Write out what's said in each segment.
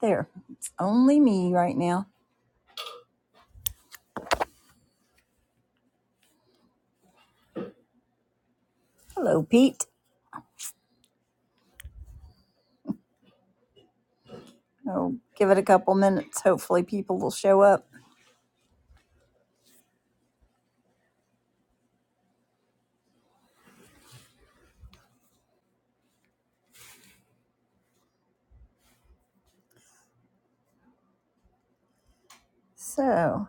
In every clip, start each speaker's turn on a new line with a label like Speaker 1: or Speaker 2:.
Speaker 1: There, it's only me right now. Hello, Pete. Oh, give it a couple minutes. Hopefully, people will show up. So,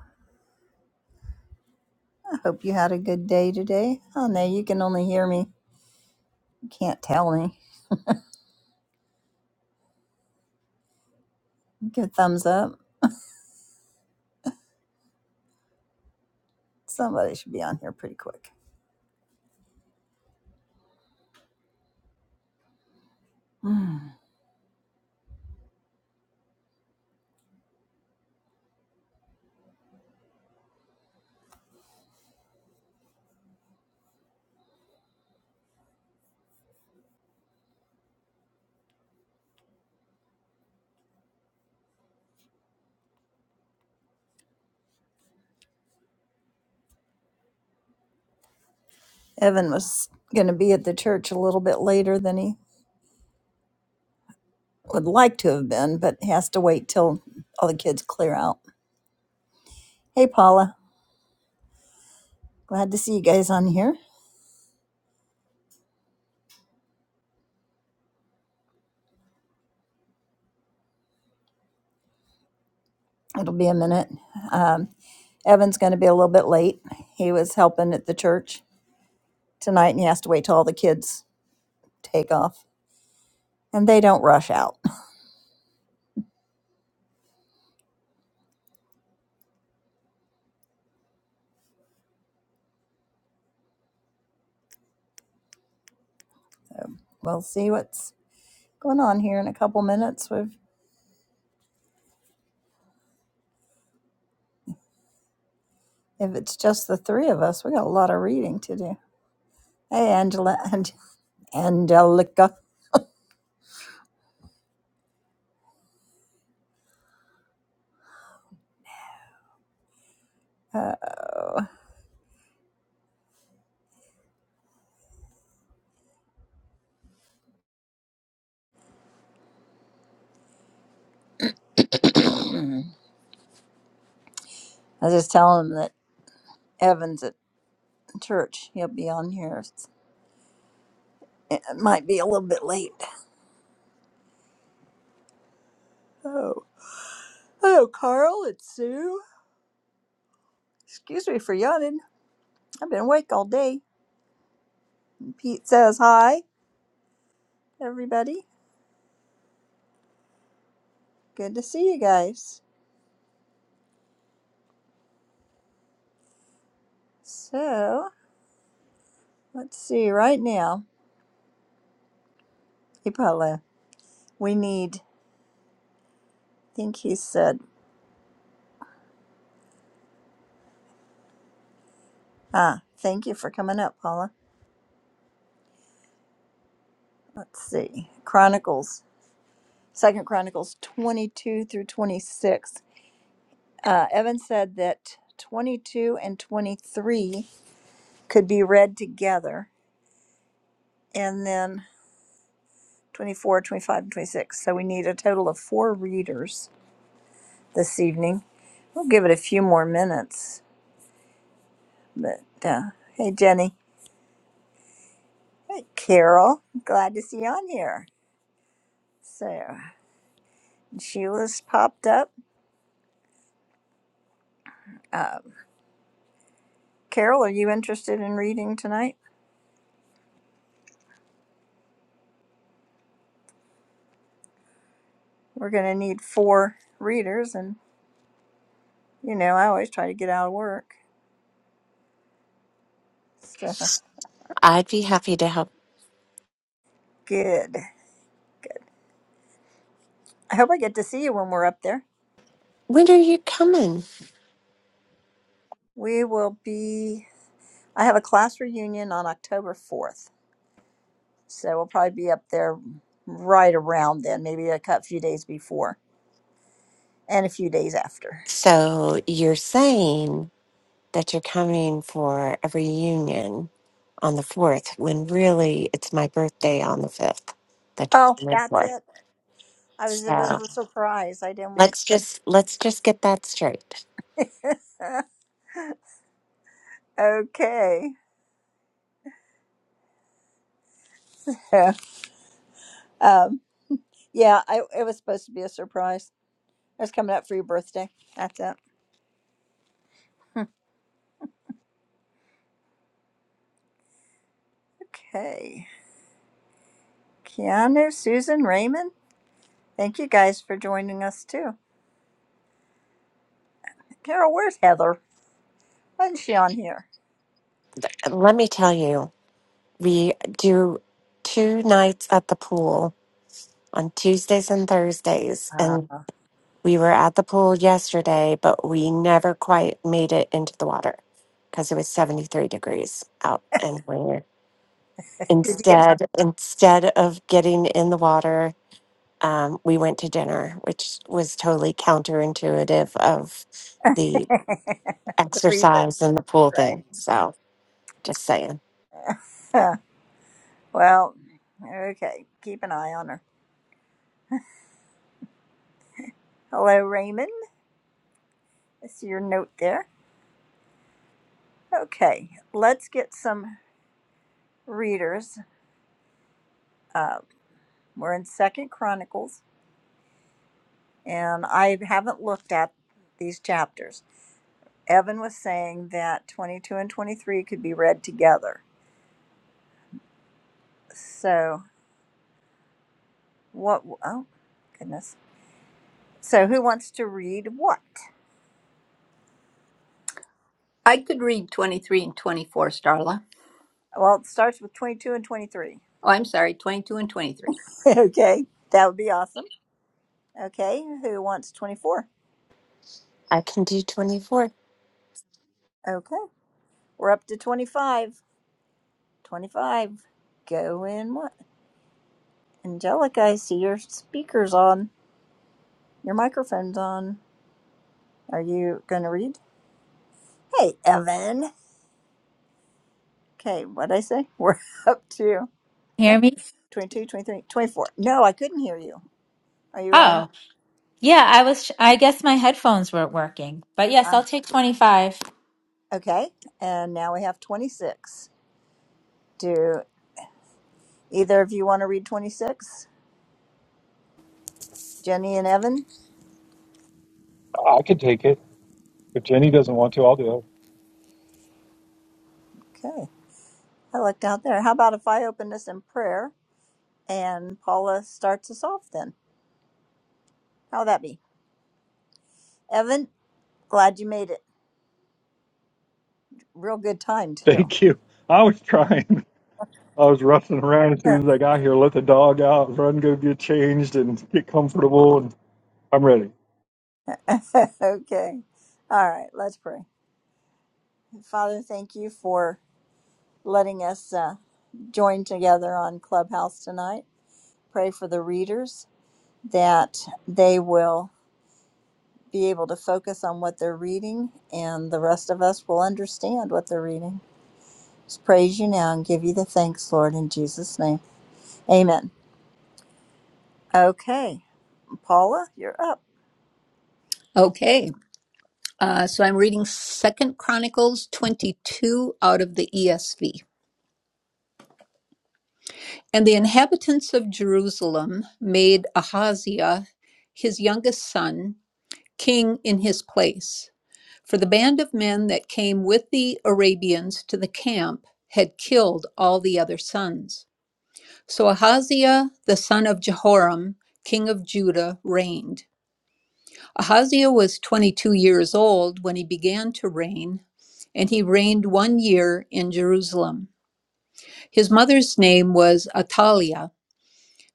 Speaker 1: I hope you had a good day today. Oh no, you can only hear me. You can't tell me. Give a thumbs up. Somebody should be on here pretty quick. Hmm. Evan was going to be at the church a little bit later than he would like to have been, but has to wait till all the kids clear out. Hey, Paula. Glad to see you guys on here. It'll be a minute. Um, Evan's going to be a little bit late. He was helping at the church tonight and he has to wait till all the kids take off. And they don't rush out. We'll see what's going on here in a couple minutes. We've, if it's just the three of us, we got a lot of reading to do. Hey, Angela and Angelica. Uh, I was just telling him that Evan's at church. He'll be on here. It might be a little bit late. Oh, hello, Carl. It's Sue. Excuse me for yawning. I've been awake all day. Pete says hi. everybody. Good to see you guys. So let's see right now. Hey, Paula, we need, I think he said, ah, thank you for coming up, Paula. Let's see. Chronicles, Second Chronicles 22 through 26. Uh, Evan said that 22 and 23 could be read together, and then 24, twenty-five, and 26. So we need a total of four readers this evening. We'll give it a few more minutes But uh, hey, Jenny, hey, Carol, glad to see you on here. So Sheila's popped up. Um, Carol, are you interested in reading tonight? We're going to need four readers, and you know I always try to get out of work. So
Speaker 2: I'd be happy to help.
Speaker 1: good. I hope I get to see you when we're up there.
Speaker 2: When are you coming?
Speaker 1: We will be. I have a class reunion on October fourth, so we'll probably be up there right around then, maybe a cou- few days before and a few days after.
Speaker 2: So you're saying that you're coming for a reunion on the 4th, when really it's my birthday on the 5th that
Speaker 1: Oh,
Speaker 2: you're coming
Speaker 1: that's
Speaker 2: for.
Speaker 1: it. I was a bit
Speaker 2: So
Speaker 1: surprised. I didn't want.
Speaker 2: let's just let's just get that straight.
Speaker 1: okay. Yeah. um, yeah, I, it was supposed to be a surprise. It was coming up for your birthday. That's it. Okay. Keanu, Susan, Raymond, thank you guys for joining us too. Carol, where's Heather? Why isn't she on here?
Speaker 2: Let me tell you, we do two nights at the pool on Tuesdays and Thursdays,
Speaker 1: Uh,
Speaker 2: and. We were at the pool yesterday, but we never quite made it into the water because it was 73 degrees out and we
Speaker 1: Did you get
Speaker 2: instead instead of getting in the water, um, we went to dinner, which was totally counterintuitive of the
Speaker 1: the reason?
Speaker 2: exercise and the pool thing.
Speaker 1: Right.
Speaker 2: So just saying.
Speaker 1: Huh. well, okay. Keep an eye on her. Hello, Raymond. I see your note there. Okay. Let's get some readers. uh, We're in Second Chronicles, and I haven't looked at these chapters. Evan was saying that 22 and 23 could be read together. So, what? Oh, goodness. So, who wants to read what?
Speaker 3: I could read 23 and 24, Starla.
Speaker 1: Well, it starts with 22 and 23.
Speaker 3: Oh, I'm sorry, 22 and 23.
Speaker 1: okay, that would be awesome. Okay, who wants 24?
Speaker 2: I can do 24.
Speaker 1: Okay, we're up to 25. 25. Go in what? Angelica, I see your speaker's on. Your microphone's on. Are you going to read? Hey, Evan. Okay, what'd I say? We're up to
Speaker 4: Hear me?
Speaker 1: 22, 23, 24. No, I couldn't hear you. Are you on?
Speaker 4: Oh, yeah, I was, I guess my headphones weren't working. But yes,
Speaker 1: Uh,
Speaker 4: I'll take 25.
Speaker 1: okay, and now we have 26. Do either of you want to read 26? Jenny and Evan?
Speaker 5: I could take it. If Jenny doesn't want to, I'll do it.
Speaker 1: Okay, I looked out there. How about if I open this in prayer and Paula starts us off then? How'd that be? Evan, glad you made it. Real good time, too.
Speaker 5: Thank you. I was trying. I was roughing around as soon
Speaker 1: Sure.
Speaker 5: as I got here. Let the dog out, run, go get changed, and get comfortable. And I'm ready.
Speaker 1: okay. All right, let's pray. Father, thank you for letting us uh, join together on Clubhouse tonight. Pray for the readers that they will be able to focus on what they're reading and the rest of us will understand what they're reading. Just praise you now and give you the thanks, Lord, in Jesus' name. Amen. Okay, Paula, you're up.
Speaker 3: Okay, uh, so I'm reading Second Chronicles 22 out of the ESV. And the inhabitants of Jerusalem made Ahaziah, his youngest son, king in his place. For the band of men that came with the Arabians to the camp had killed all the other sons. So Ahaziah, the son of Jehoram, king of Judah, reigned. Ahaziah was 22 years old when he began to reign, and he reigned one year in Jerusalem. His mother's name was Ataliah,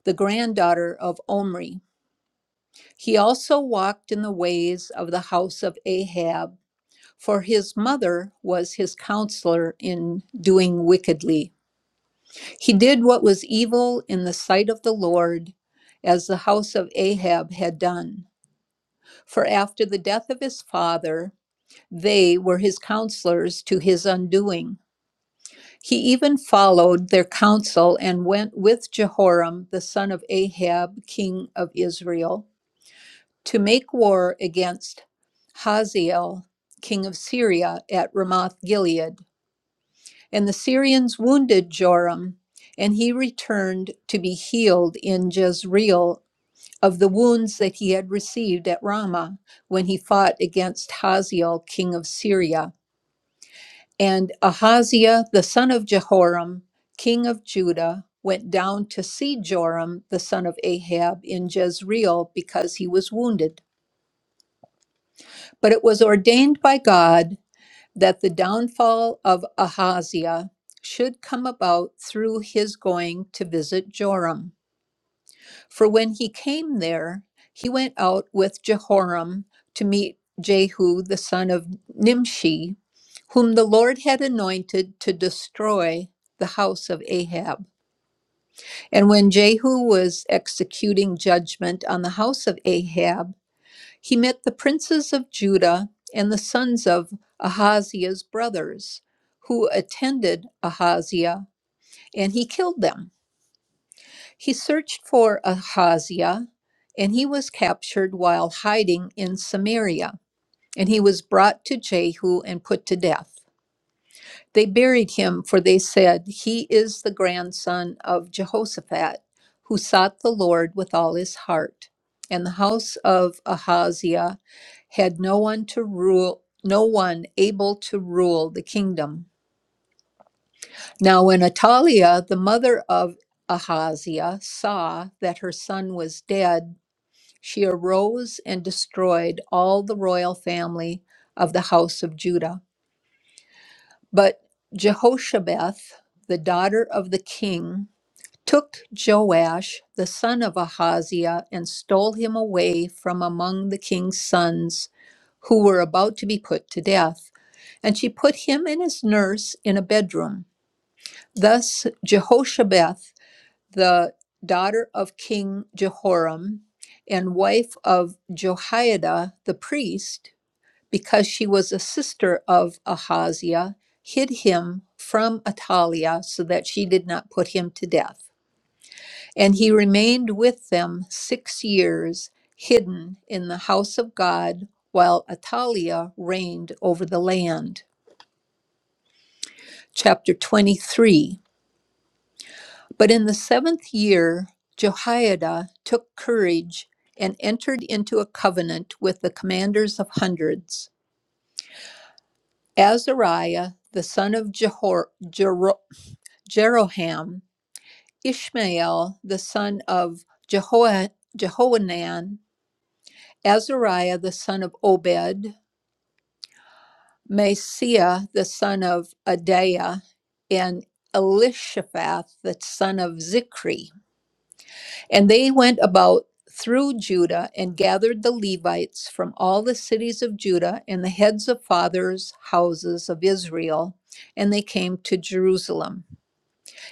Speaker 3: the granddaughter of Omri. He also walked in the ways of the house of Ahab, for his mother was his counselor in doing wickedly. He did what was evil in the sight of the Lord, as the house of Ahab had done. For after the death of his father, They were his counselors to his undoing. He even followed their counsel and went with Jehoram, the son of Ahab, king of Israel, to make war against Hazael, king of Syria, at Ramoth Gilead. And the Syrians wounded Joram, and he returned to be healed in Jezreel of the wounds that he had received at Ramah when he fought against Hazael, king of Syria. And Ahaziah, the son of Jehoram, king of Judah, went down to see Joram, the son of Ahab, in Jezreel because he was wounded. But it was ordained by God that the downfall of Ahaziah should come about through his going to visit Joram. For when he came there, he went out with Jehoram to meet Jehu the son of Nimshi, whom the Lord had anointed to destroy the house of Ahab. And when Jehu was executing judgment on the house of Ahab, he met the princes of Judah and the sons of Ahaziah's brothers, who attended Ahaziah, and he killed them. He searched for Ahaziah, and he was captured while hiding in Samaria. And he was brought to Jehu and put to death. They buried him, for they said, He is the grandson of Jehoshaphat, who sought the Lord with all his heart. And the house of Ahaziah had no one to rule, no one able to rule the kingdom. Now, when Ataliah, the mother of Ahaziah, saw that her son was dead, She arose and destroyed all the royal family of the house of Judah. But Jehoshabeth, the daughter of the king, took Joash, the son of Ahaziah, and stole him away from among the king's sons who were about to be put to death. And she put him and his nurse in a bedroom. Thus Jehoshabeth the daughter of King Jehoram and wife of Jehoiada the priest, because she was a sister of Ahaziah, hid him from Atalia so that she did not put him to death. And he remained with them six years, hidden in the house of God, while Atalia reigned over the land. Chapter 23 But in the seventh year, Jehoiada took courage and entered into a covenant with the commanders of hundreds. Azariah, the son of Jehor, Jero- Jeroham, Ishmael, the son of Jeho- Jehohanan, Azariah, the son of Obed, Messiah, the son of Adaiah, and Elishaphat, the son of Zikri. And they went about through Judah and gathered the Levites from all the cities of Judah and the heads of fathers' houses of Israel, and they came to Jerusalem.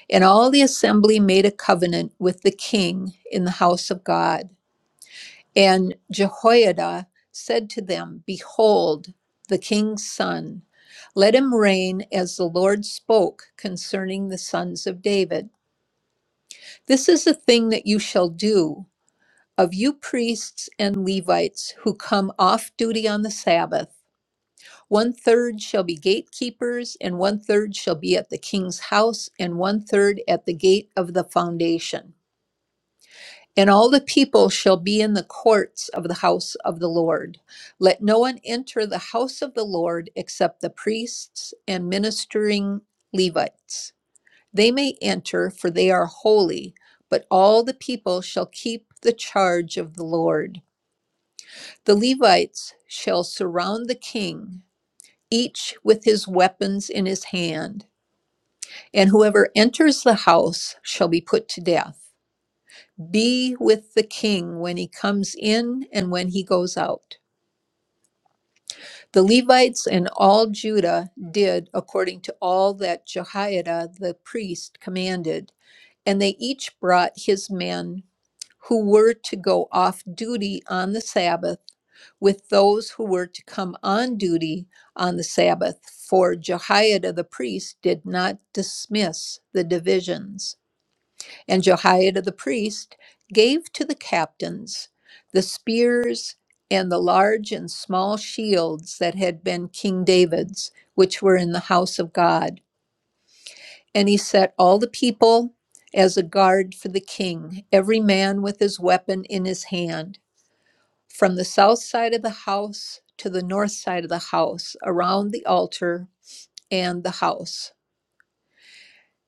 Speaker 3: And all the assembly made a covenant with the king in the house of God. And Jehoiada said to them, Behold, the king's son. Let him reign as the Lord spoke concerning the sons of David. This is the thing that you shall do of you priests and Levites who come off duty on the Sabbath. One third shall be gatekeepers, and one third shall be at the king's house, and one third at the gate of the foundation. And all the people shall be in the courts of the house of the Lord. Let no one enter the house of the Lord except the priests and ministering Levites. They may enter, for they are holy, but all the people shall keep the charge of the Lord. The Levites shall surround the king, each with his weapons in his hand, and whoever enters the house shall be put to death. Be with the king when he comes in and when he goes out. The Levites and all Judah did according to all that Jehoiada the priest commanded, and they each brought his men who were to go off duty on the Sabbath with those who were to come on duty on the Sabbath, for Jehoiada the priest did not dismiss the divisions. And Jehoiada the priest gave to the captains the spears and the large and small shields that had been King David's, which were in the house of God. And he set all the people as a guard for the king, every man with his weapon in his hand. From the south side of the house to the north side of the house, around the altar and the house.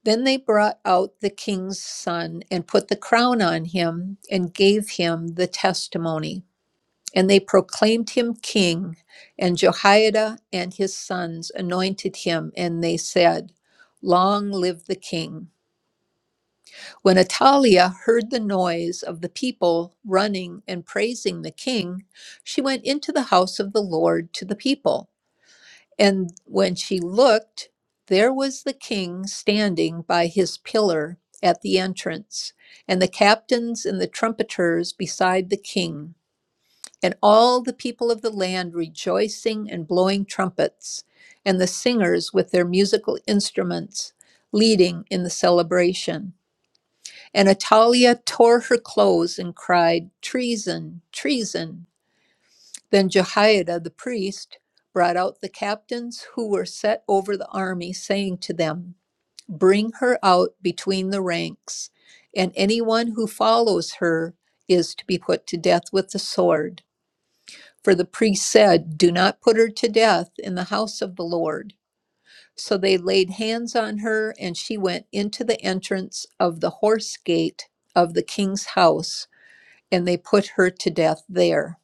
Speaker 3: Then they brought out the king's son and put the crown on him and gave him the testimony. And they proclaimed him king, and Jehoiada and his sons anointed him, and they said, Long live the king. When Atalia heard the noise of the people running and praising the king, she went into the house of the Lord to the people. And when she looked, there was the king standing by his pillar at the entrance, and the captains and the trumpeters beside the king, and all the people of the land rejoicing and blowing trumpets, and the singers with their musical instruments leading in the celebration. And Atalia tore her clothes and cried, Treason, treason. Then Jehoiada the priest brought out the captains who were set over the army, saying to them, Bring her out between the ranks, and anyone who follows her is to be put to death with the sword. For the priest said, Do not put her to death in the house of the Lord. So they laid hands on her, and she went into the entrance of the horse gate of the king's house and they put her to death there.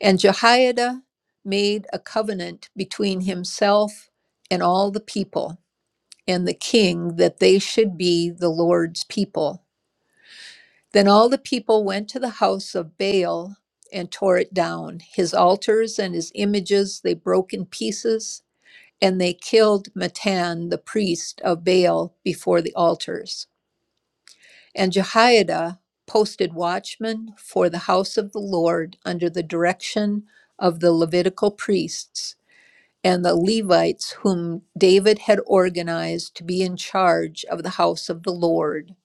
Speaker 3: And Jehoiada made a covenant between himself and all the people and the king that they should be the Lord's people. Then all the people went to the house of Baal and tore it down. His altars and his images they broke in pieces, and they killed Matan, the priest of Baal, before the altars. And Jehoiada posted watchmen for the house of the Lord under the direction of the Levitical priests and the Levites, whom David had organized to be in charge of the house of the Lord,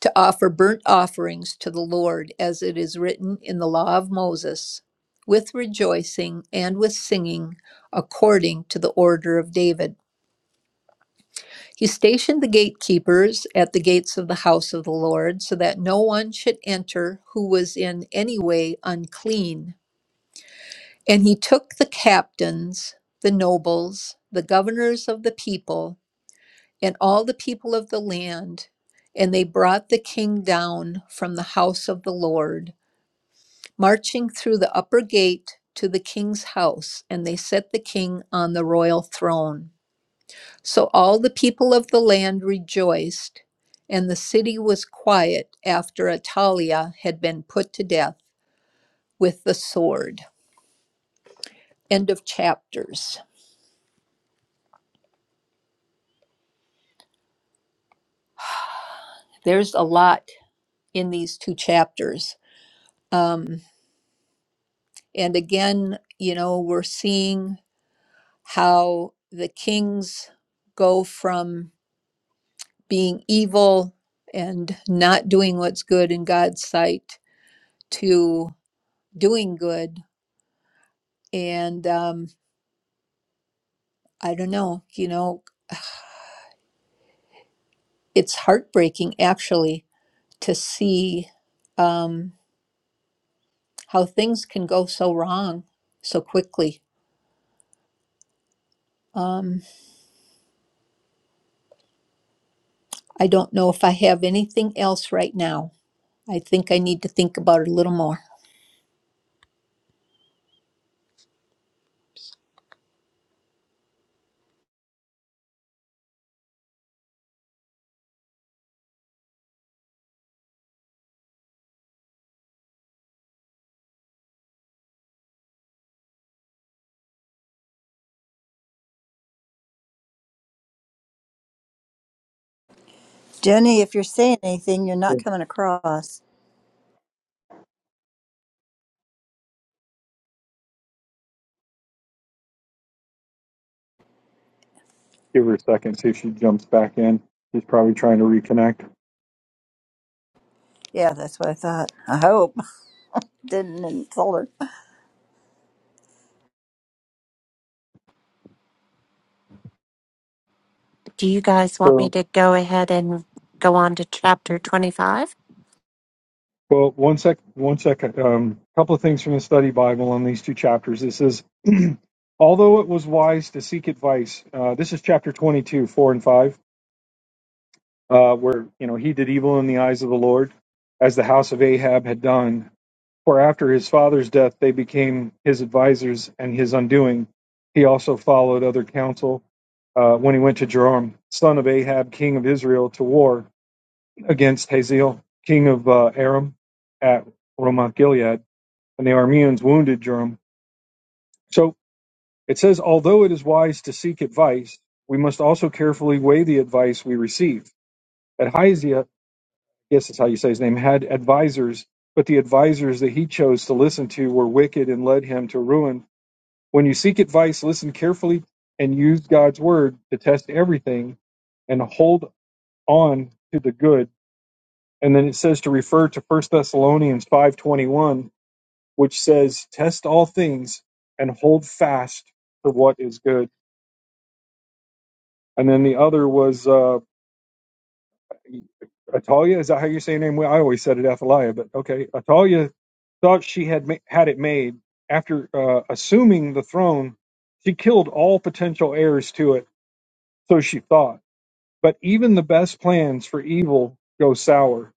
Speaker 3: to offer burnt offerings to the Lord, as it is written in the law of Moses, with rejoicing and with singing, according to the order of David. He stationed the gatekeepers at the gates of the house of the Lord, so that no one should enter who was in any way unclean. And he took the captains, the nobles, the governors of the people, and all the people of the land, and they brought the king down from the house of the Lord, marching through the upper gate to the king's house, and they set the king on the royal throne. So all the people of the land rejoiced, and the city was quiet after Atalia had been put to death with the sword. End of chapters. There's a lot in these two chapters. Um, and again, you know, we're seeing how the kings go from being evil and not doing what's good in God's sight to doing good. And um, I don't know, you know, it's heartbreaking actually to see um, how things can go so wrong so quickly. Um, I don't know if I have anything else right now. I think I need to think about it a little more.
Speaker 1: Jenny, if you're saying anything, you're not
Speaker 5: So
Speaker 1: coming across.
Speaker 5: Give her a second, see if she jumps back in. She's probably trying to reconnect.
Speaker 1: Yeah, that's what I thought. I hope. Didn't insult her.
Speaker 2: Do you guys want me
Speaker 5: So,
Speaker 2: to go ahead and go on to chapter 25?
Speaker 5: well, one sec, one second. A Um, couple of things from the study Bible on these two chapters. This is, although it was wise to seek advice. Uh, this is chapter 22, four and five uh, where you know he did evil in the eyes of the Lord, as the house of Ahab had done. For after his father's death, they became his advisers and his undoing. He also followed other counsel uh, when he went to Joram, son of Ahab, king of Israel, to war against Hazael, king of uh, Aram, at Ramoth Gilead, and the Arameans wounded Joram. So it says, although it is wise to seek advice, we must also carefully weigh the advice we receive. At Hyzia, yes, that's how you say his name, had advisors, but the advisors that he chose to listen to were wicked and led him to ruin. When you seek advice, listen carefully and use God's word to test everything and hold on to the good. And then it says to refer to First Thessalonians 5:21, which says, "Test all things and hold fast to what is good." And then the other was uh, Atalia, is that how you say your name? Well, I always said it Athalia, but okay. Atalia thought she had ma- had it made. After uh, assuming the throne, she killed all potential heirs to it, so she thought. But even the best plans for evil go sour.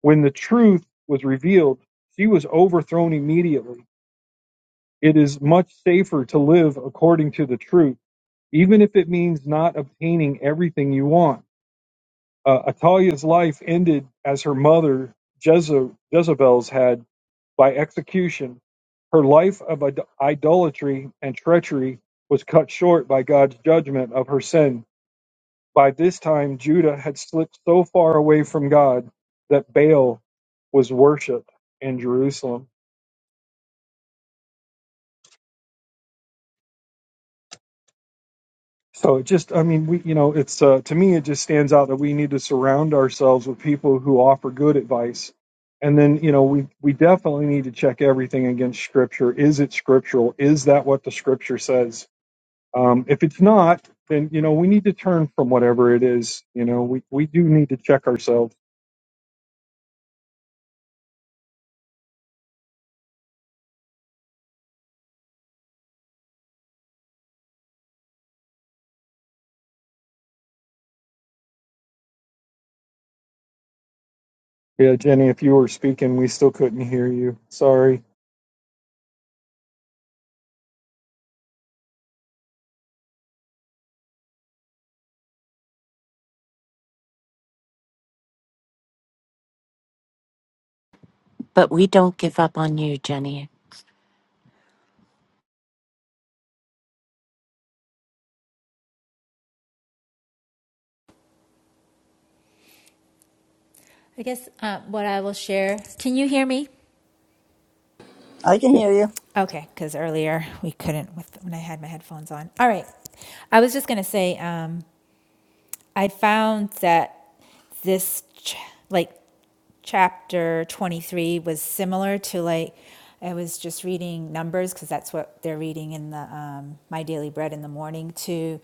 Speaker 5: When the truth was revealed, she was overthrown immediately. It is much safer to live according to the truth, even if it means not obtaining everything you want. Uh, Atalia's life ended as her mother Jeze- Jezebel's had by execution. Her life of id- idolatry and treachery was cut short by God's judgment of her sin. By this time, Judah had slipped so far away from God that Baal was worshipped in Jerusalem. So it just, I mean, we, you know, it's uh, to me, it just stands out that we need to surround ourselves with people who offer good advice, and then you know, we we definitely need to check everything against Scripture. Is it scriptural? Is that what the Scripture says? Um, if it's not, then you know, we need to turn from whatever it is. You know, we we do need to check ourselves. Yeah, Jenny, if you were speaking, we still couldn't hear you. Sorry.
Speaker 2: But we don't give up on you, Jenny.
Speaker 4: I guess uh, what I will share. Can you hear me?
Speaker 1: I can
Speaker 5: Yeah.
Speaker 1: hear you.
Speaker 4: Okay, because earlier we couldn't with when I had my headphones on. All right. I was just going to say um, I found that this, ch- like, chapter 23 was similar to like i was just reading numbers because that's what they're reading in the um, my daily bread in the morning To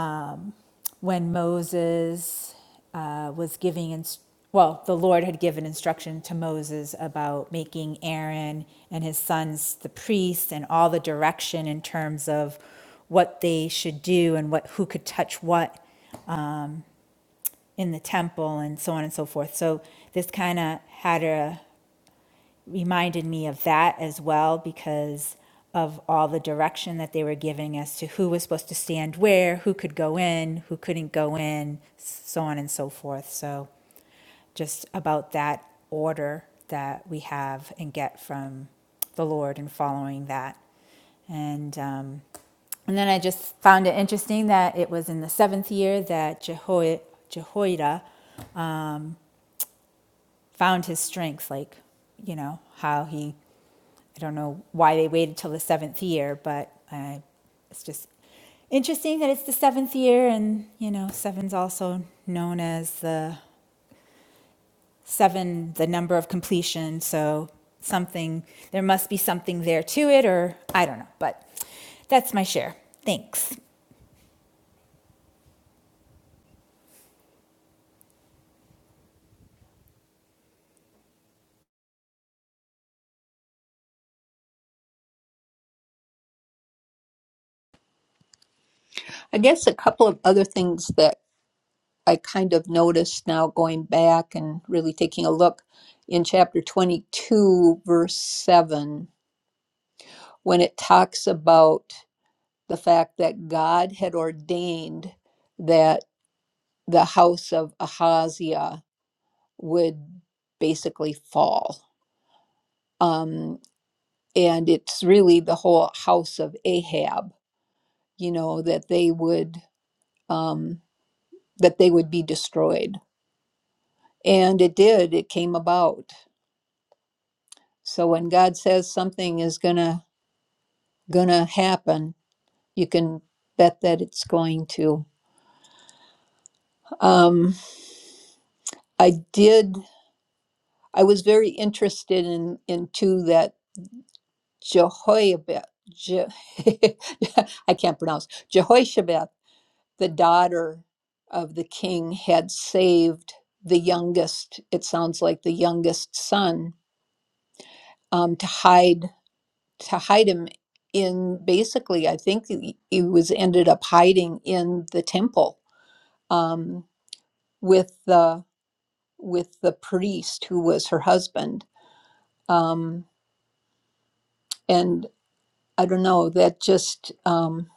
Speaker 4: um, when Moses uh, was giving, inst- well, the Lord had given instruction to Moses about making Aaron and his sons the priests and all the direction in terms of what they should do and what who could touch what in the temple and so on and so forth. So this kind of had a reminded me of that as well because of all the direction that they were giving as to who was supposed to stand where, who could go in, who couldn't go in, so on and so forth. So just about that order that we have and get from the Lord and following that. And um, and then I just found it interesting that it was in the seventh year that Jeho- Jehoiada found his strength, like, you know, how he, I don't know why they waited till the seventh year, but uh, it's just interesting that it's the seventh year, and, you know, seven's also known as the seven, the number of completion. So something, there must be something there to it, or I don't know, but that's my share. Thanks.
Speaker 3: I guess a couple of other things that I kind of noticed now going back and really taking a look in chapter 22, verse 7, when it talks about the fact that God had ordained that. the house of Ahaziah would basically fall. Um, and it's really the whole house of Ahab, you know, that they would um, that they would be destroyed. And it did. It came about. So when God says something is gonna gonna happen, you can bet that it's going to. Um, I did. I was very interested in in two that Jehoiabeth, Je- I can't pronounce, Jehoshaphat, the daughter of the king, had saved the youngest, it sounds like the youngest son, um, to hide to hide him in basically, I think he he was ended up hiding in the temple um, with the with the priest who was her husband. Um, and I don't know, that just um,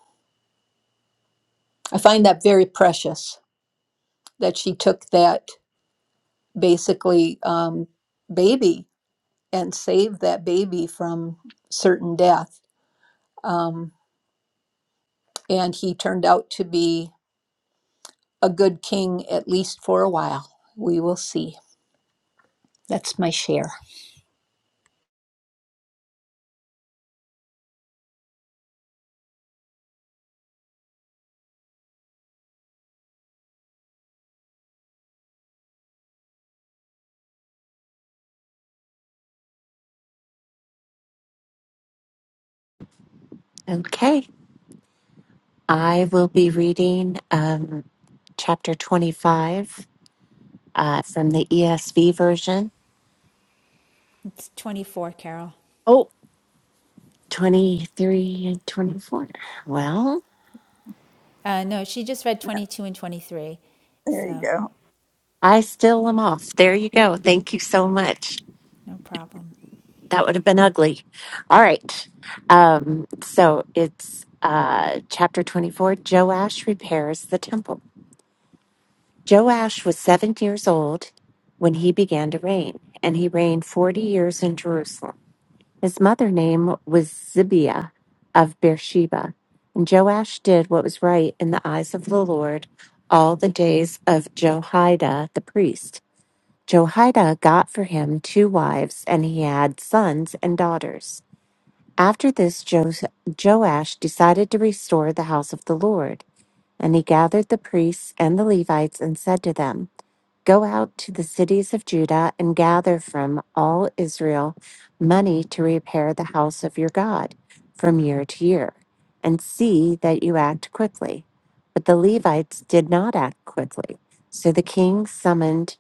Speaker 3: I find that very precious that she took that basically um, baby and saved that baby from certain death. Um, and he turned out to be a good king, at least for a while. We will see. That's my share.
Speaker 2: Okay. I will be reading um, chapter 25 uh, from the ESV version.
Speaker 4: It's 24, Carol.
Speaker 2: Oh, twenty-three and 24. Well,
Speaker 4: Uh, no, she just read
Speaker 1: Yeah,
Speaker 4: 22 and 23,
Speaker 1: There you
Speaker 4: so
Speaker 1: go.
Speaker 2: I still am off. There you go. Thank you so much.
Speaker 4: no problem.
Speaker 2: That would have been ugly. All right. Um, so it's uh, chapter 24 Joash repairs the temple. Joash was seven years old when he began to reign, and he reigned 40 years in Jerusalem. His mother name was Zibiah of Beersheba. And Joash did what was right in the eyes of the Lord all the days of Jehoiada the priest. Jehoiada got for him two wives, and he had sons and daughters. After this, Jos- Joash decided to restore the house of the Lord. And he gathered the priests and the Levites and said to them, Go out to the cities of Judah and gather from all Israel money to repair the house of your God from year to year, and see that you act quickly. But the Levites did not act quickly. So the king summoned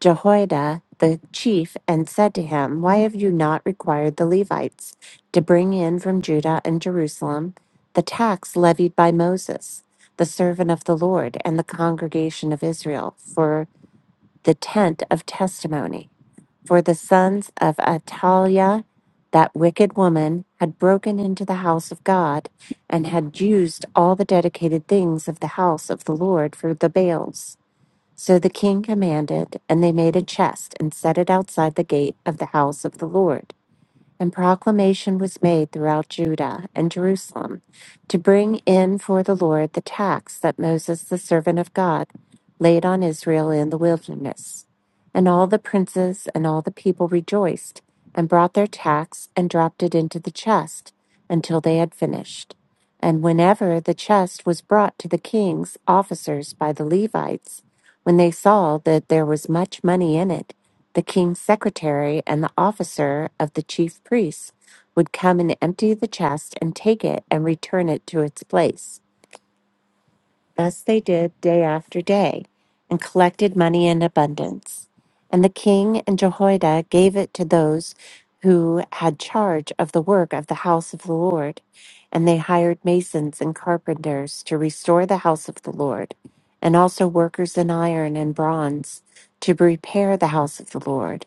Speaker 2: Jehoiada the chief and said to him, Why have you not required the Levites to bring in from Judah and Jerusalem the tax levied by Moses, the servant of the Lord, and the congregation of Israel for? the tent of testimony. For the sons of Ataliah, that wicked woman, had broken into the house of God and had used all the dedicated things of the house of the Lord for the Baals. So the king commanded, and they made a chest and set it outside the gate of the house of the Lord. And proclamation was made throughout Judah and Jerusalem to bring in for the Lord the tax that Moses, the servant of God, laid on Israel in the wilderness. And all the princes and all the people rejoiced and brought their tax and dropped it into the chest until they had finished. And whenever the chest was brought to the king's officers by the Levites, when they saw that there was much money in it, the king's secretary and the officer of the chief priests would come and empty the chest and take it and return it to its place. Thus they did day after day, and collected money in abundance. And the king and Jehoiada gave it to those who had charge of the work of the house of the Lord. And they hired masons and carpenters to restore the house of the Lord, and also workers in iron and bronze to repair the house of the Lord.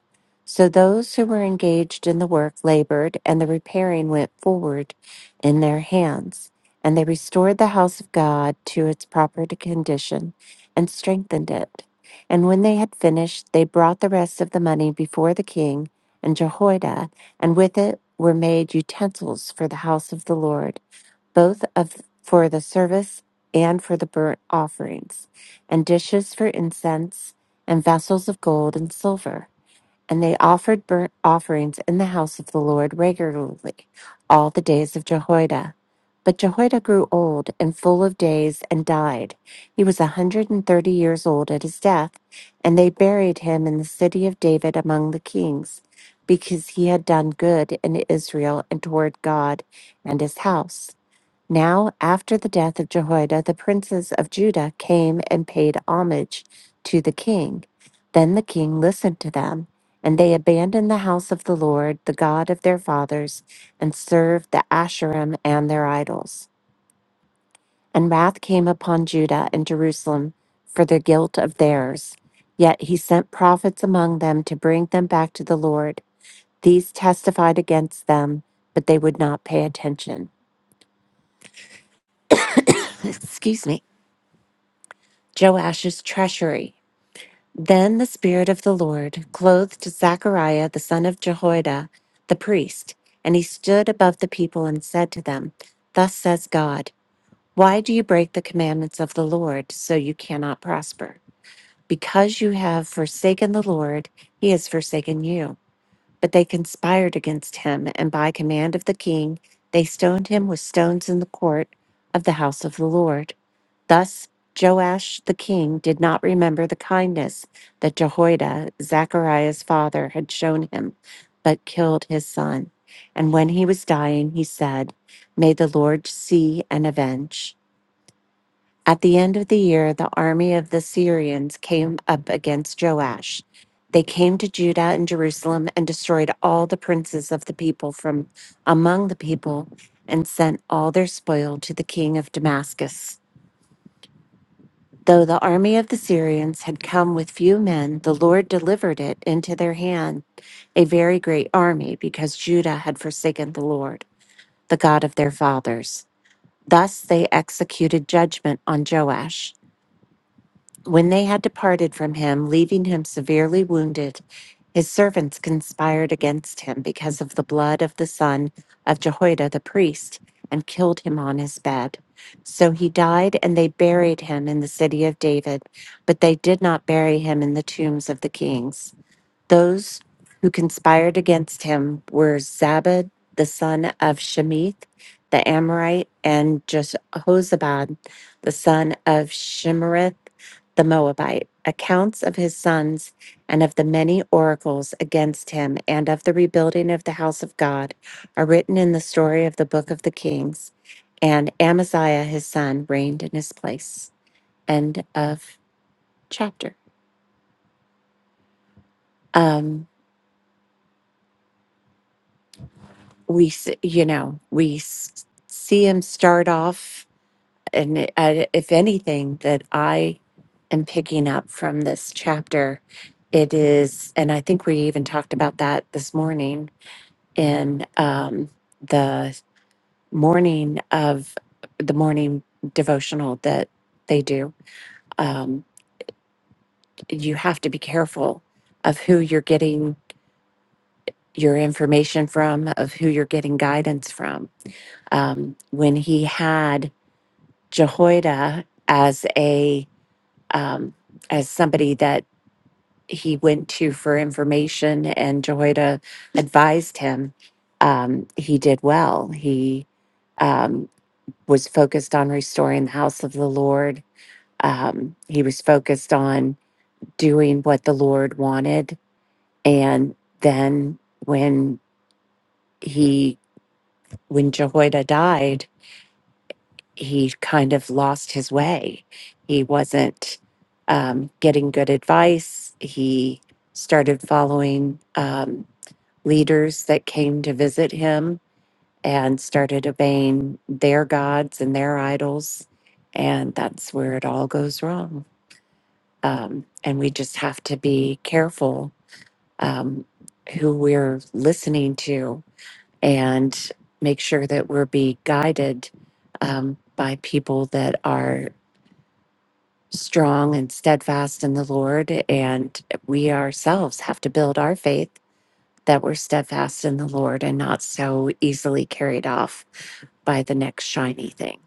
Speaker 2: So those who were engaged in the work labored, and the repairing went forward in their hands. And they restored the house of God to its proper condition and strengthened it. And when they had finished, they brought the rest of the money before the king and Jehoiada, and with it were made utensils for the house of the Lord, both of for the service and for the burnt offerings, and dishes for incense, and vessels of gold and silver. And they offered burnt offerings in the house of the Lord regularly all the days of Jehoiada. But Jehoiada grew old and full of days and died. He was a 130 years old at his death, and they buried him in the city of David among the kings, because he had done good in Israel and toward God and his house. Now, after the death of Jehoiada, the princes of Judah came and paid homage to the king. Then the king listened to them, and they abandoned the house of the Lord, the God of their fathers, and served the Asherim and their idols. And wrath came upon Judah and Jerusalem for the guilt of theirs. Yet he sent prophets among them to bring them back to the Lord. These testified against them, but they would not pay attention. Excuse me. Joash's treasury. Then the Spirit of the Lord clothed Zechariah the son of Jehoiada, the priest, and he stood above the people and said to them, Thus says God, why do you break the commandments of the Lord so you cannot prosper? Because you have forsaken the Lord, he has forsaken you. But they conspired against him, and by command of the king, they stoned him with stones in the court of the house of the Lord. Thus Joash the king did not remember the kindness that Jehoiada, Zechariah's father, had shown him, but killed his son. And when he was dying, he said, May the Lord see and avenge. At the end of the year, the army of the Syrians came up against Joash. They came to Judah and Jerusalem and destroyed all the princes of the people from among the people and sent all their spoil to the king of Damascus. Though the army of the Syrians had come with few men, the Lord delivered it into their hand, a very great army, because Judah had forsaken the Lord, the God of their fathers. Thus they executed judgment on Joash. When they had departed from him, leaving him severely wounded, his servants conspired against him because of the blood of the son of Jehoiada the priest, and killed him on his bed. So he died, and they buried him in the city of David, but they did not bury him in the tombs of the kings. Those who conspired against him were Zabad, the son of Shemith, the Amorite, and Jehozabad, the son of Shimerith, the Moabite. Accounts of his sons and of the many oracles against him and of the rebuilding of the house of God are written in the story of the book of the Kings. And Amaziah, his son, reigned in his place. End of chapter. Um, we s- you know we s- see him start off and it- I, if anything that i am picking up from this chapter it is and i think we even talked about that this morning in um, the morning of the morning devotional that they do um, you have to be careful of who you're getting your information from of who you're getting guidance from um, when he had Jehoiada as a um, as somebody that he went to for information, and Jehoiada advised him. Um, he did well. He um, was focused on restoring the house of the Lord. Um, he was focused on doing what the Lord wanted, and then when he when Jehoiada died he kind of lost his way. He wasn't um, getting good advice. He started following um, leaders that came to visit him and started obeying their gods and their idols. And that's where it all goes wrong. Um, and we just have to be careful um, who we're listening to and make sure that we're being guided um, by people that are strong and steadfast in the Lord. And we ourselves have to build our faith that we're steadfast in the Lord and not so easily carried off by the next shiny thing.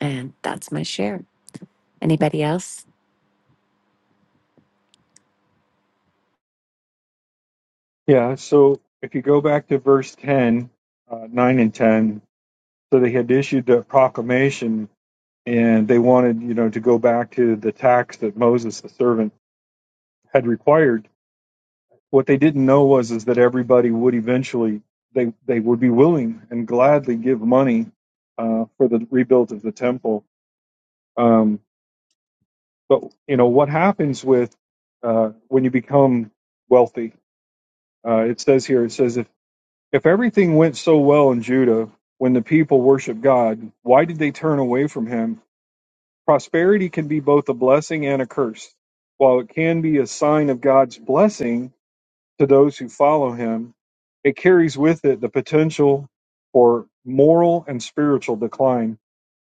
Speaker 2: And that's my share. Anybody else?
Speaker 5: Yeah. So if you go back to verse ten, uh, nine and ten, so they had issued a proclamation and they wanted, you know, to go back to the tax that Moses, the servant, had required. What they didn't know was is that everybody would eventually they they would be willing and gladly give money uh, for the rebuild of the temple. Um, but you know what happens with uh, when you become wealthy? Uh, it says here, it says if if everything went so well in Judah when the people worshiped God, why did they turn away from Him Prosperity can be both a blessing and a curse. While it can be a sign of God's blessing to those who follow him, it carries with it the potential for moral and spiritual decline.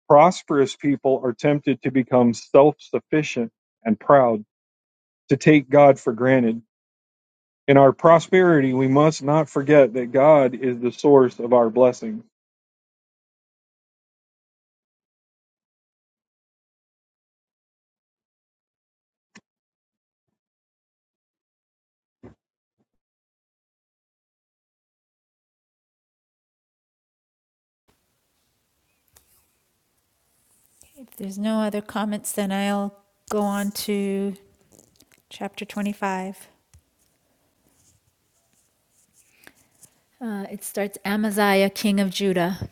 Speaker 5: Prosperous people are tempted to become self sufficient and proud, to take God for granted. In our prosperity, we must not forget that God is the source of our blessings.
Speaker 4: If there's no other comments, then I'll go on to chapter 25. Uh, it starts Amaziah, king of Judah.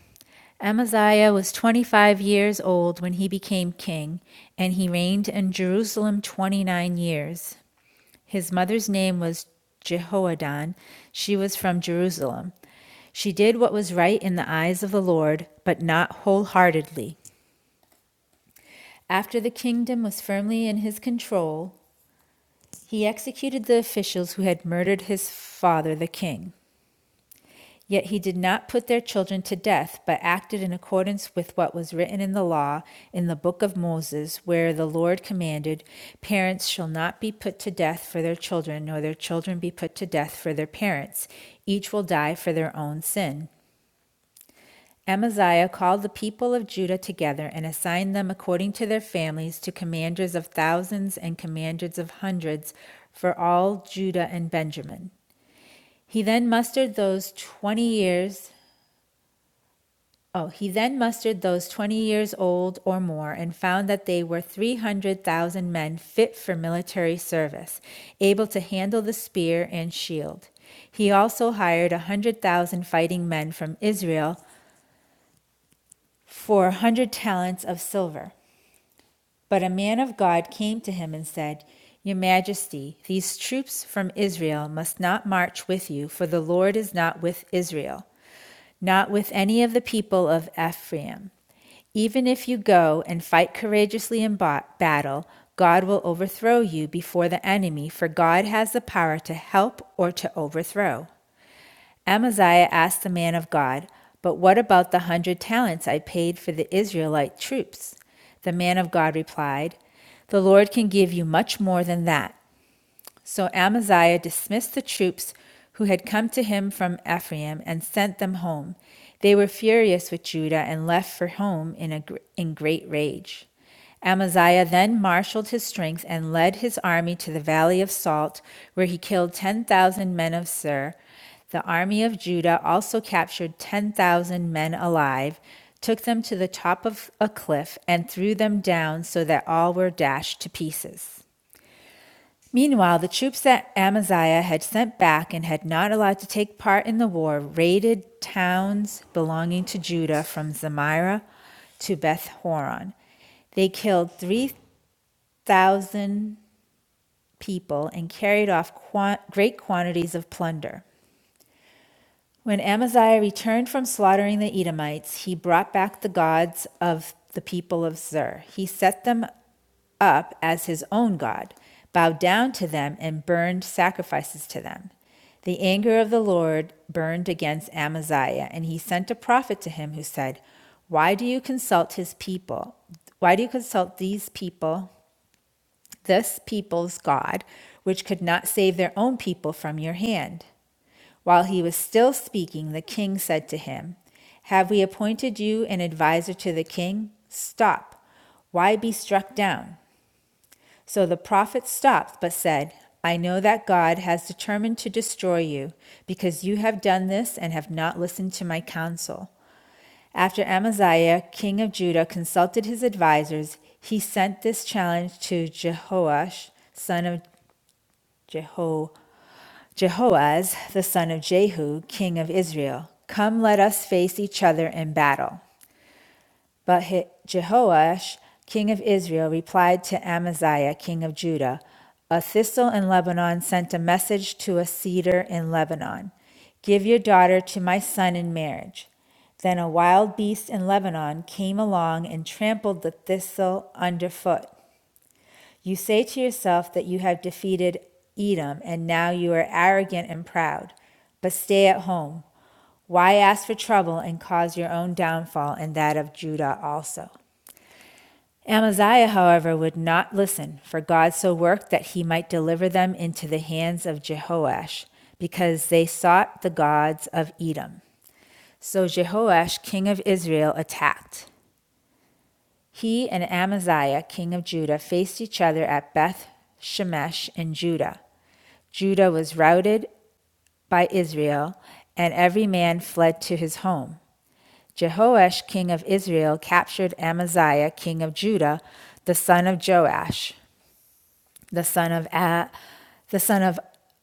Speaker 4: Amaziah was 25 years old when he became king, and he reigned in Jerusalem 29 years. His mother's name was Jehoadan. She was from Jerusalem. She did what was right in the eyes of the Lord, but not wholeheartedly. After the kingdom was firmly in his control, He executed the officials who had murdered his father, the king. Yet he did not put their children to death, but acted in accordance with what was written in the law, in the book of Moses, where the Lord commanded, Parents shall not be put to death for their children, nor their children be put to death for their parents. Each will die for their own sin. Amaziah called the people of Judah together and assigned them according to their families to commanders of thousands and commanders of hundreds for all Judah and Benjamin. He then mustered those 20 years Oh, he then mustered those 20 years old or more and found that they were 300,000 men fit for military service, able to handle the spear and shield. He also hired a 100,000 fighting men from Israel for a hundred talents of silver. But a man of God came to him and said, Your Majesty, these troops from Israel must not march with you, for the Lord is not with Israel, not with any of the people of Ephraim. Even if you go and fight courageously in battle, God will overthrow you before the enemy, for God has the power to help or to overthrow. Amaziah asked the man of God, But what about the hundred talents I paid for the Israelite troops? The man of God replied, The Lord can give you much more than that. So Amaziah dismissed the troops who had come to him from Ephraim and sent them home. They were furious with Judah and left for home in, a, in great rage. Amaziah then marshaled his strength and led his army to the Valley of Salt, where he killed 10,000 men of Sir. The army of Judah also captured 10,000 men alive, took them to the top of a cliff, and threw them down so that all were dashed to pieces. Meanwhile, the troops that Amaziah had sent back and had not allowed to take part in the war raided towns belonging to Judah from Zamira to Beth Horon. They killed 3,000 people and carried off qua- great quantities of plunder. When Amaziah returned from slaughtering the Edomites, he brought back the gods of the people of Zer. He set them up as his own God, bowed down to them, and burned sacrifices to them. The anger of the Lord burned against Amaziah, and he sent a prophet to him who said, Why do you consult his people? Why do you consult these people, this people's God, which could not save their own people from your hand? While he was still speaking, the king said to him, Have we appointed you an adviser to the king? Stop. Why be struck down? So the prophet stopped but said, I know that God has determined to destroy you, because you have done this and have not listened to my counsel. After Amaziah, king of Judah, consulted his advisers, he sent this challenge to Jehoash, son of Jeho- Jehoaz, the son of Jehu, king of Israel Come, let us face each other in battle. But Jehoash, king of Israel, replied to Amaziah, king of Judah A thistle in Lebanon sent a message to a cedar in Lebanon Give your daughter to my son in marriage. Then a wild beast in Lebanon came along and trampled the thistle underfoot. You say to yourself that you have defeated Edom, and now you are arrogant and proud. But stay at home. Why ask for trouble and cause your own downfall and that of Judah also? Amaziah, however, would not listen, for God so worked that he might deliver them into the hands of Jehoash, because they sought the gods of Edom. So Jehoash, king of Israel, attacked. He and Amaziah, king of Judah, faced each other at Beth Shemesh in Judah. Judah was routed by Israel, and every man fled to his home. Jehoash, king of Israel, captured Amaziah, king of Judah, the son of Joash. the son of a, the son of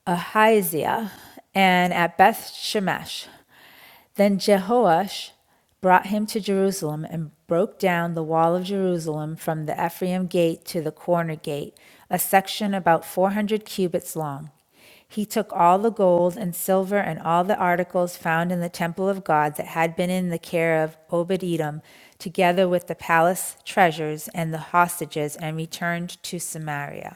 Speaker 4: Ahaziah, and at Beth Shemesh. Then Jehoash brought him to Jerusalem and broke down the wall of Jerusalem from the Ephraim gate to the corner gate, a section about 400 cubits long. He took all the gold and silver and all the articles found in the temple of God that had been in the care of Obed Edom, together with the palace treasures and the hostages, and returned to Samaria.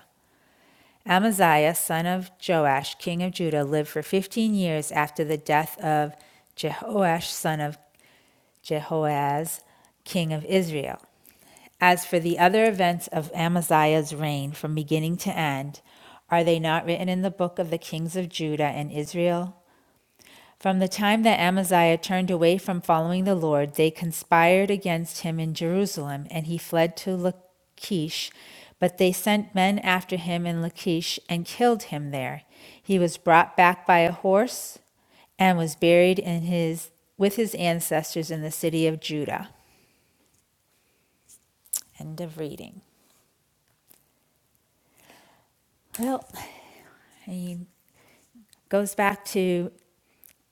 Speaker 4: Amaziah, son of Joash, king of Judah, lived for 15 years after the death of Jehoash, son of Jehoaz, king of Israel. As for the other events of Amaziah's reign from beginning to end, are they not written in the book of the kings of Judah and Israel? From the time that Amaziah turned away from following the Lord, they conspired against him in Jerusalem, and he fled to Lachish. But they sent men after him in Lachish and killed him there. He was brought back by a horse and was buried in his with his ancestors in the city of Judah. End of reading. Well, he goes back to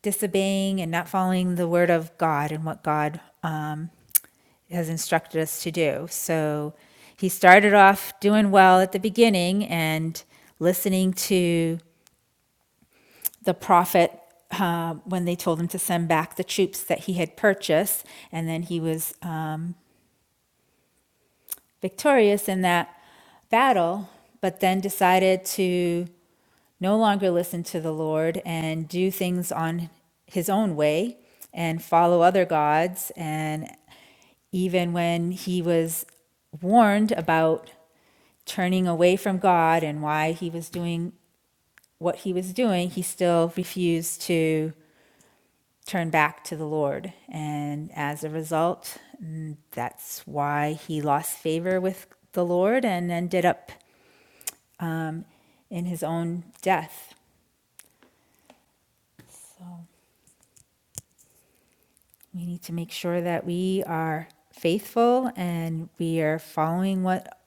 Speaker 4: disobeying and not following the word of God and what God um, has instructed us to do. So he started off doing well at the beginning and listening to the prophet uh, when they told him to send back the troops that he had purchased, and then he was. Um, victorious in that battle, but then decided to no longer listen to the Lord and do things on his own way and follow other gods. And even when he was warned about turning away from God and why he was doing what he was doing, he still refused to turn back to the Lord. And as a result, mm, that's why he lost favor with the Lord and ended up in his own death. We need to make sure that we are faithful and we are following what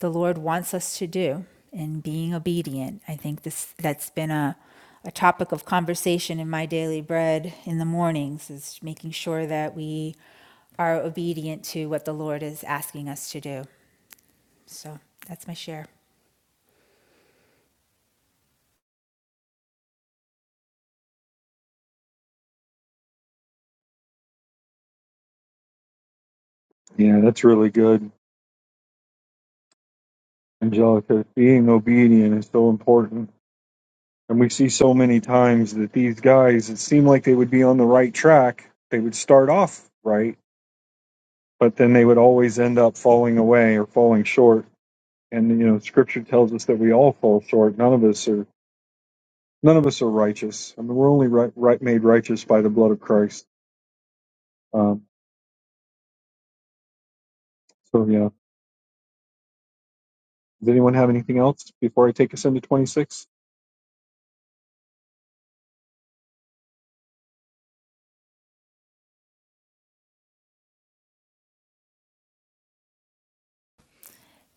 Speaker 4: the Lord wants us to do and being obedient. I think this that's been a a topic of conversation in my daily bread in the mornings is making sure that we are obedient to what the Lord is asking us to do. So that's my share.
Speaker 5: Yeah, that's really good, Angelica. Being obedient is so important And we see so many times that these guys, it seemed like they would be on the right track. They would start off right, but then they would always end up falling away or falling short. And you know, Scripture tells us that we all fall short. None of us are none of us are righteous. I mean, we're only right, right made righteous by the blood of Christ. Um, so yeah. Does anyone have anything else before I take us into twenty six?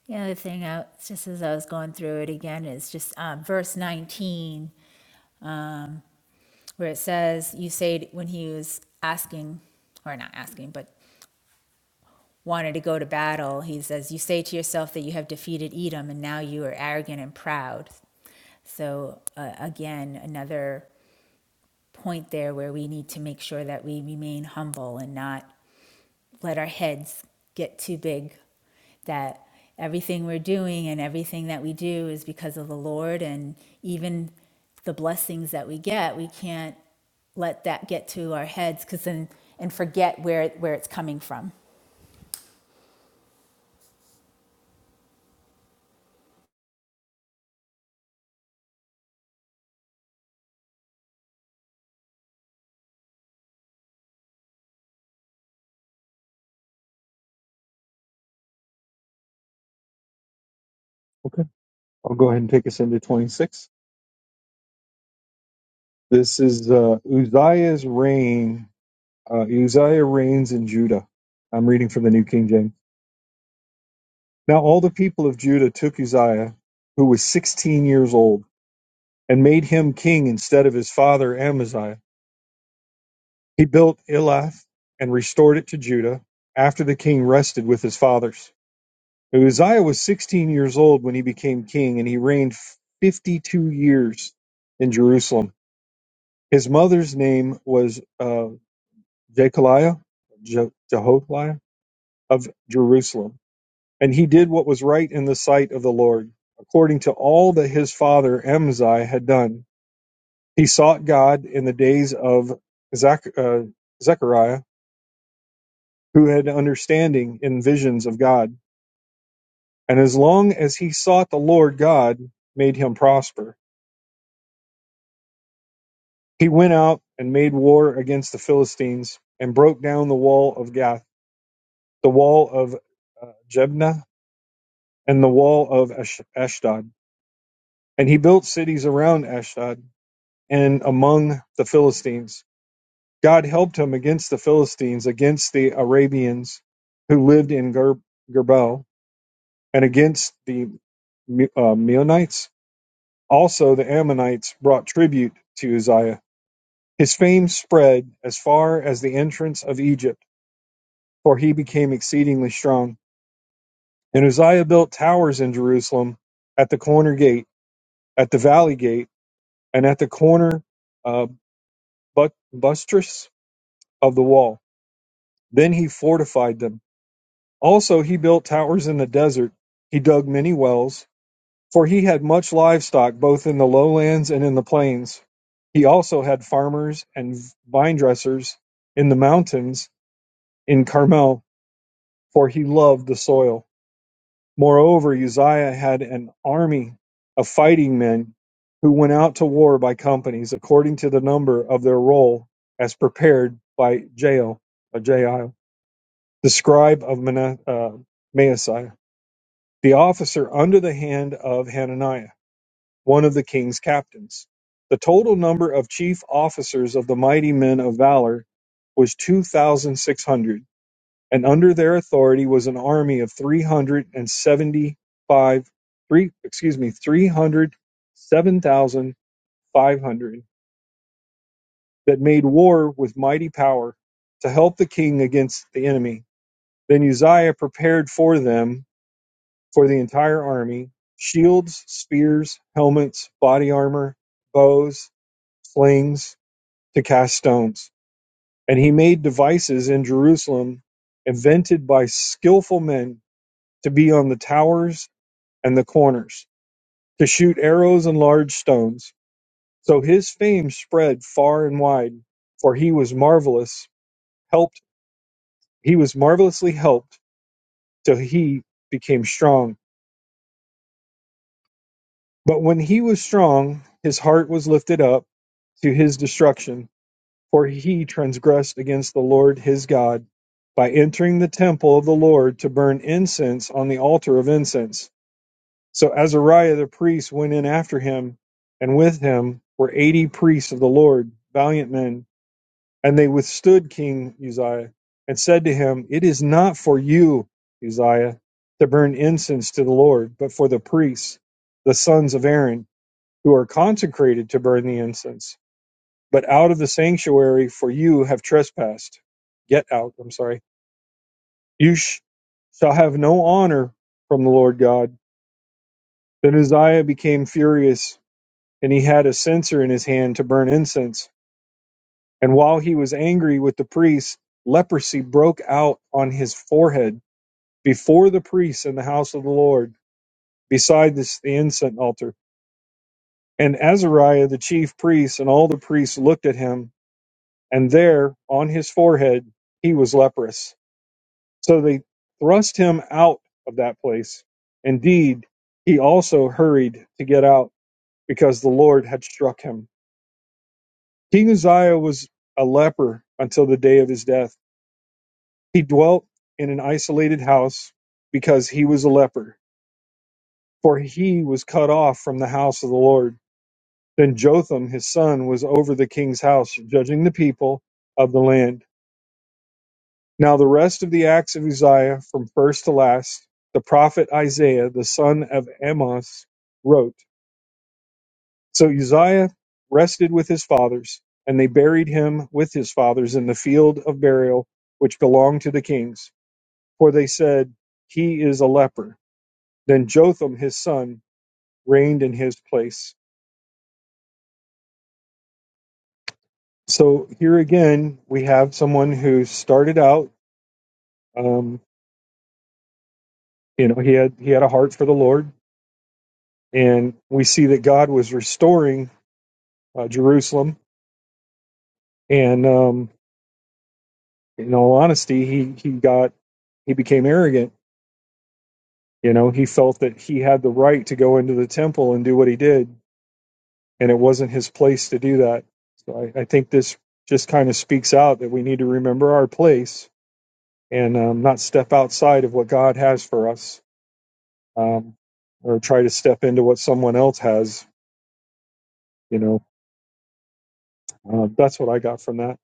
Speaker 4: The other thing, I, just as I was going through it again, is just um, verse 19, um, where it says, You say, when he was asking, or not asking, but wanted to go to battle, he says, You say to yourself that you have defeated Edom, and now you are arrogant and proud. So, uh, again, another point there where we need to make sure that we remain humble and not let our heads get too big that everything we're doing and everything that we do is because of the Lord and even the blessings that we get we can't let that get to our heads cuz then and forget where where it's coming from
Speaker 5: Okay, I'll go ahead and take us into twenty six. This is uh, Uzziah's reign Uh, Uzziah reigns in Judah. I'm reading from the New King James. Now, all the people of Judah took Uzziah, who was 16 years old, and made him king instead of his father Amaziah. He built Elath and restored it to Judah after the king rested with his fathers. Uzziah was 16 years old when he became king, and he reigned 52 years in Jerusalem. His mother's name was uh, Jechaliah, Je- Jeholiah of Jerusalem. And he did what was right in the sight of the Lord, according to all that his father Amaziah had done. He sought God in the days of Zach, uh, Zechariah, who had understanding in visions of God. And as long as he sought the Lord God, made him prosper. He went out and made war against the Philistines and broke down the wall of Gath, the wall of uh, Jebna, and the wall of Ash- Ashdod. And he built cities around Ashdod and among the Philistines. God helped him against the Philistines, against the Arabians who lived in Ger- Gerbo, and against the Me- uh, Meunites. Also, the Ammonites brought tribute to Uzziah. His fame spread as far as the entrance of Egypt, for he became exceedingly strong. And Uzziah built towers in Jerusalem at the corner gate, at the valley gate, and at the corner uh, but- buttress of the wall Then he fortified them. Also, he built towers in the desert. He dug many wells, for he had much livestock both in the lowlands and in the plains. He also had farmers and vine dressers in the mountains in Carmel, for he loved the soil. Moreover, Uzziah had an army of fighting men who went out to war by companies according to the number of their roll as prepared by Jael. the scribe of Mana- uh, Maaseiah, the officer under the hand of Hananiah, one of the king's captains. The total number of chief officers of the mighty men of valor was 2,600, and under their authority was an army of 375, three, excuse me, 307,500 that made war with mighty power to help the king against the enemy. Then Uzziah prepared for them For the entire army, shields, spears, helmets, body armor, bows, slings to cast stones. And he made devices in Jerusalem invented by skillful men to be on the towers and the corners, to shoot arrows and large stones. So his fame spread far and wide, for he was marvelous, helped he was marvelously helped till he became strong But when he was strong, his heart was lifted up to his destruction, for he transgressed against the Lord his God by entering the temple of the Lord to burn incense on the altar of incense. So Azariah the priest went in after him, and with him were eighty priests of the Lord, valiant men, and they withstood King Uzziah and said to him, It is not for you, Uzziah, to burn incense to the Lord, but for the priests, the sons of Aaron who are consecrated to burn the incense, but out of the sanctuary, for you have trespassed. Get out, I'm sorry. You sh- shall have no honor from the Lord God. Then Uzziah became furious, and he had a censer in his hand to burn incense. And while he was angry with the priests, leprosy broke out on his forehead before the priests in the house of the Lord, beside this, the incense altar. And Azariah the chief priest and all the priests looked at him and there on his forehead he was leprous. So they thrust him out of that place. Indeed, he also hurried to get out because the Lord had struck him. King Uzziah was a leper until the day of his death. He dwelt in an isolated house because he was a leper, for he was cut off from the house of the Lord. Then Jotham, his son, was over the king's house, judging the people of the land. Now the rest of the acts of Uzziah, from first to last, the prophet Isaiah, the son of Amos, wrote. So Uzziah rested with his fathers, and they buried him with his fathers in the field of burial which belonged to the kings. For they said, He is a leper. Then Jotham, his son, reigned in his place. So here again, we have someone who started out, um, you know, he had he had a heart for the Lord, and we see that God was restoring uh, Jerusalem. And um, in all honesty, he he got he became arrogant. You know, he felt that he had the right to go into the temple and do what he did, and it wasn't his place to do that. So I, I think this just kind of speaks out that we need to remember our place and um, not step outside of what God has for us, um, or try to step into what someone else has. You know, uh, that's what I got from that.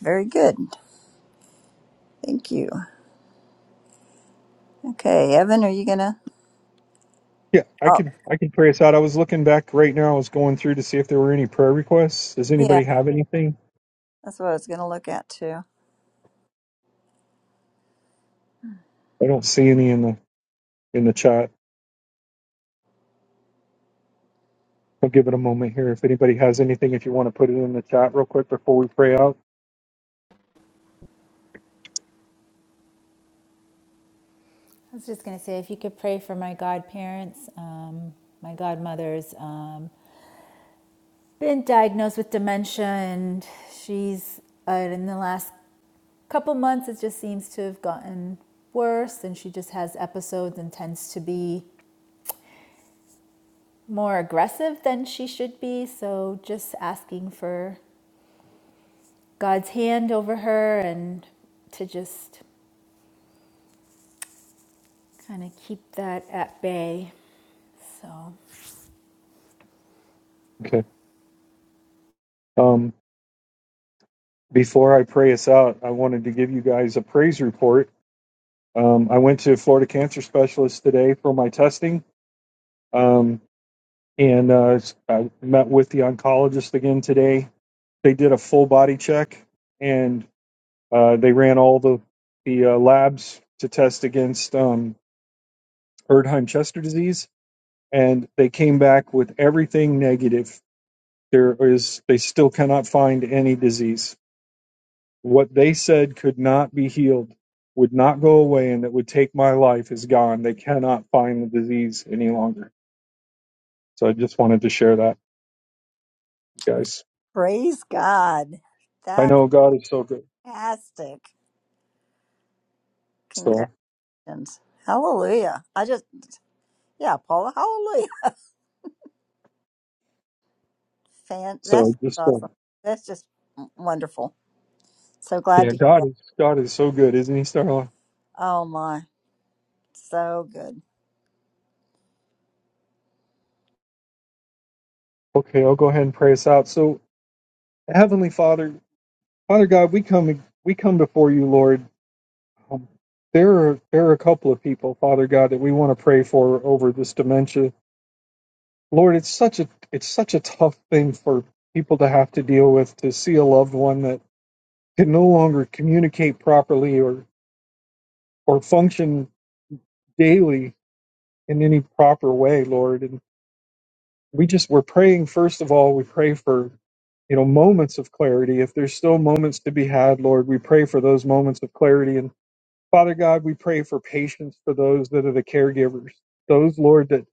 Speaker 1: Very good. Thank you. Okay, Evan, are you gonna?
Speaker 5: Yeah, I
Speaker 1: Oh,
Speaker 5: can I can pray us out. I was looking back right now. I was going through to see if there were any prayer requests. Does
Speaker 1: yeah,
Speaker 5: anybody have anything?
Speaker 1: that's what I was gonna look at too.
Speaker 5: I don't see any in the in the chat. I'll give it a moment here. If anybody has anything, if you want to put it in the chat real quick before we pray out.
Speaker 4: I was just going to say if you could pray for my godparents um my godmother's um been diagnosed with dementia and she's uh, in the last couple months it just seems to have gotten worse and she just has episodes and tends to be more aggressive than she should be so just asking for god's hand over her and to just kind of keep that at bay so
Speaker 5: Okay. Um, before I pray us out, I wanted to give you guys a praise report. Um, I went to Florida Cancer Specialist today for my testing, um, and uh, I met with the oncologist again today. They did a full body check, and Uh, they ran all the the uh, labs to test against um, Erdheim Chester disease, and they came back with everything negative. There is they still cannot find any disease. What they said could not be healed, would not go away, and that would take my life is gone. They cannot find the disease any longer. So I just wanted to share that, you guys.
Speaker 1: Praise God.
Speaker 5: I
Speaker 1: That's
Speaker 5: know God is so good.
Speaker 1: fantastic.
Speaker 5: So
Speaker 1: Congratulations. Hallelujah. I just, yeah, Paula, hallelujah. Fan, that's
Speaker 5: so just uh,
Speaker 1: awesome. That's just wonderful. So glad
Speaker 5: yeah,
Speaker 1: to hear
Speaker 5: God
Speaker 1: that.
Speaker 5: is God is so good, isn't He, Starla?
Speaker 1: Oh my, so good.
Speaker 5: Okay, I'll go ahead and pray us out. So Heavenly Father, Father God, we come we come before you, Lord. Um, there are there are a couple of people, Father God, that we want to pray for over this dementia. Lord, it's such a it's such a tough thing for people to have to deal with to see a loved one that can no longer communicate properly or or function daily in any proper way, Lord. And we just we're praying first of all, we pray for you know moments of clarity. If there's still moments to be had, Lord, we pray for those moments of clarity and Father God, we pray for patience for those that are the caregivers, those, Lord, that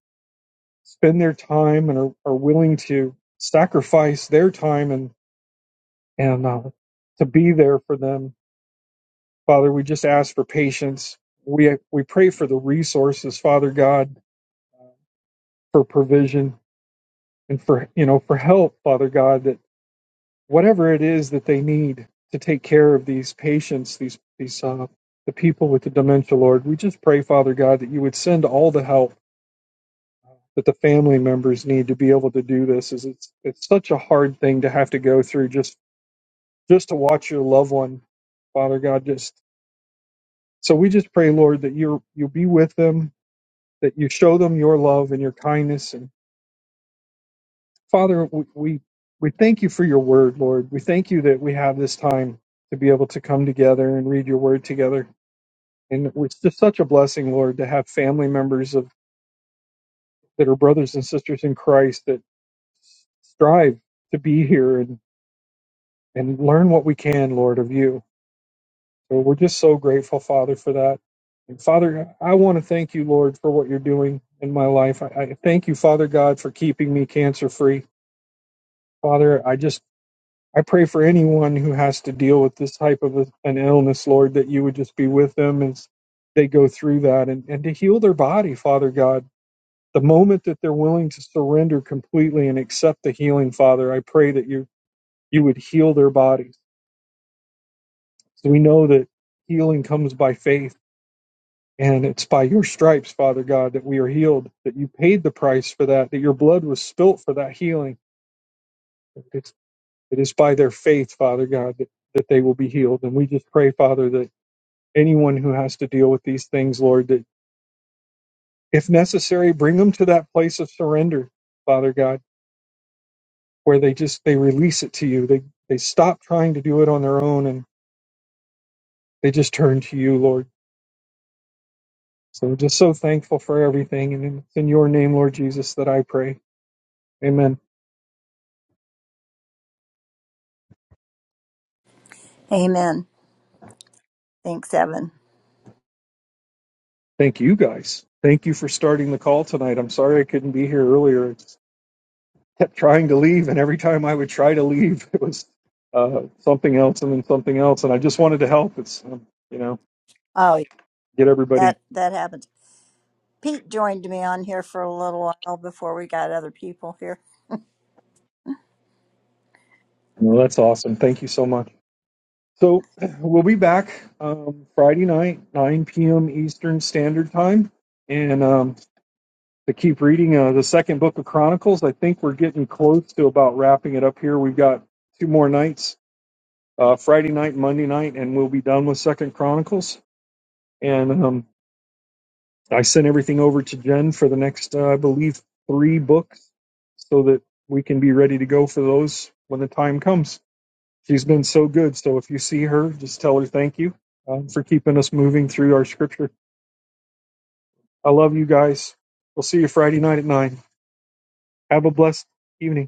Speaker 5: spend their time and are, are willing to sacrifice their time and, and uh, to be there for them. Father, we just ask for patience. We, we pray for the resources, Father God, for provision and for, you know, for help, Father God, that whatever it is that they need to take care of these patients, these, these, uh, the people with the dementia, Lord, we just pray, Father God, that you would send all the help that the family members need to be able to do this is it's it's such a hard thing to have to go through just just to watch your loved one father god just so we just pray lord that you're you'll be with them that you show them your love and your kindness and father we we, we thank you for your word lord we thank you that we have this time to be able to come together and read your word together and it's just such a blessing lord to have family members of that are brothers and sisters in christ that strive to be here and. and learn what we can, Lord, of you. So we're just so grateful, Father, for that. And Father, I want to thank you, Lord, for what you're doing in my life. I, I thank you, Father God, for keeping me cancer free. Father, I just I pray for anyone who has to deal with this type of a, an illness, Lord, that you would just be with them as they go through that and, and to heal their body, Father God. The moment that they're willing to surrender completely and accept the healing, Father, I pray that you you would heal their bodies So we know that healing comes by faith, and it's by your stripes, Father God, that we are healed, that you paid the price for that, that your blood was spilt for that healing. It's, it is by their faith, Father God, that, that they will be healed. And we just pray, Father, that anyone who has to deal with these things, Lord, that if necessary, bring them to that place of surrender, Father God, where they just they release it to you. They they stop trying to do it on their own and they just turn to you, Lord. So just so thankful for everything. And it's in your name, Lord Jesus, that I pray. Amen.
Speaker 1: Amen. Thanks, Evan.
Speaker 5: Thank you guys. Thank you for starting the call tonight. I'm sorry I couldn't be here earlier. I just kept trying to leave, and every time I would try to leave, it was uh, something else and then something else. And I just wanted to help. It's, um, you know,
Speaker 1: Oh, yeah,
Speaker 5: get everybody.
Speaker 1: that that happens. Pete joined me on here for a little while before we got other people here.
Speaker 5: Well, that's awesome. Thank you so much. So we'll be back um, Friday night, 9 p.m. Eastern Standard Time. And um, to keep reading uh, the second book of Chronicles. I think we're getting close to about wrapping it up here. We've got two more nights, uh, Friday night, and Monday night, and we'll be done with Second Chronicles. And um, I sent everything over to Jen for the next, uh, I believe, three books, so that we can be ready to go for those when the time comes. She's been so good. So if you see her, just tell her thank you um, for keeping us moving through our scripture. I love you guys. We'll see you Friday night at nine. Have a blessed evening.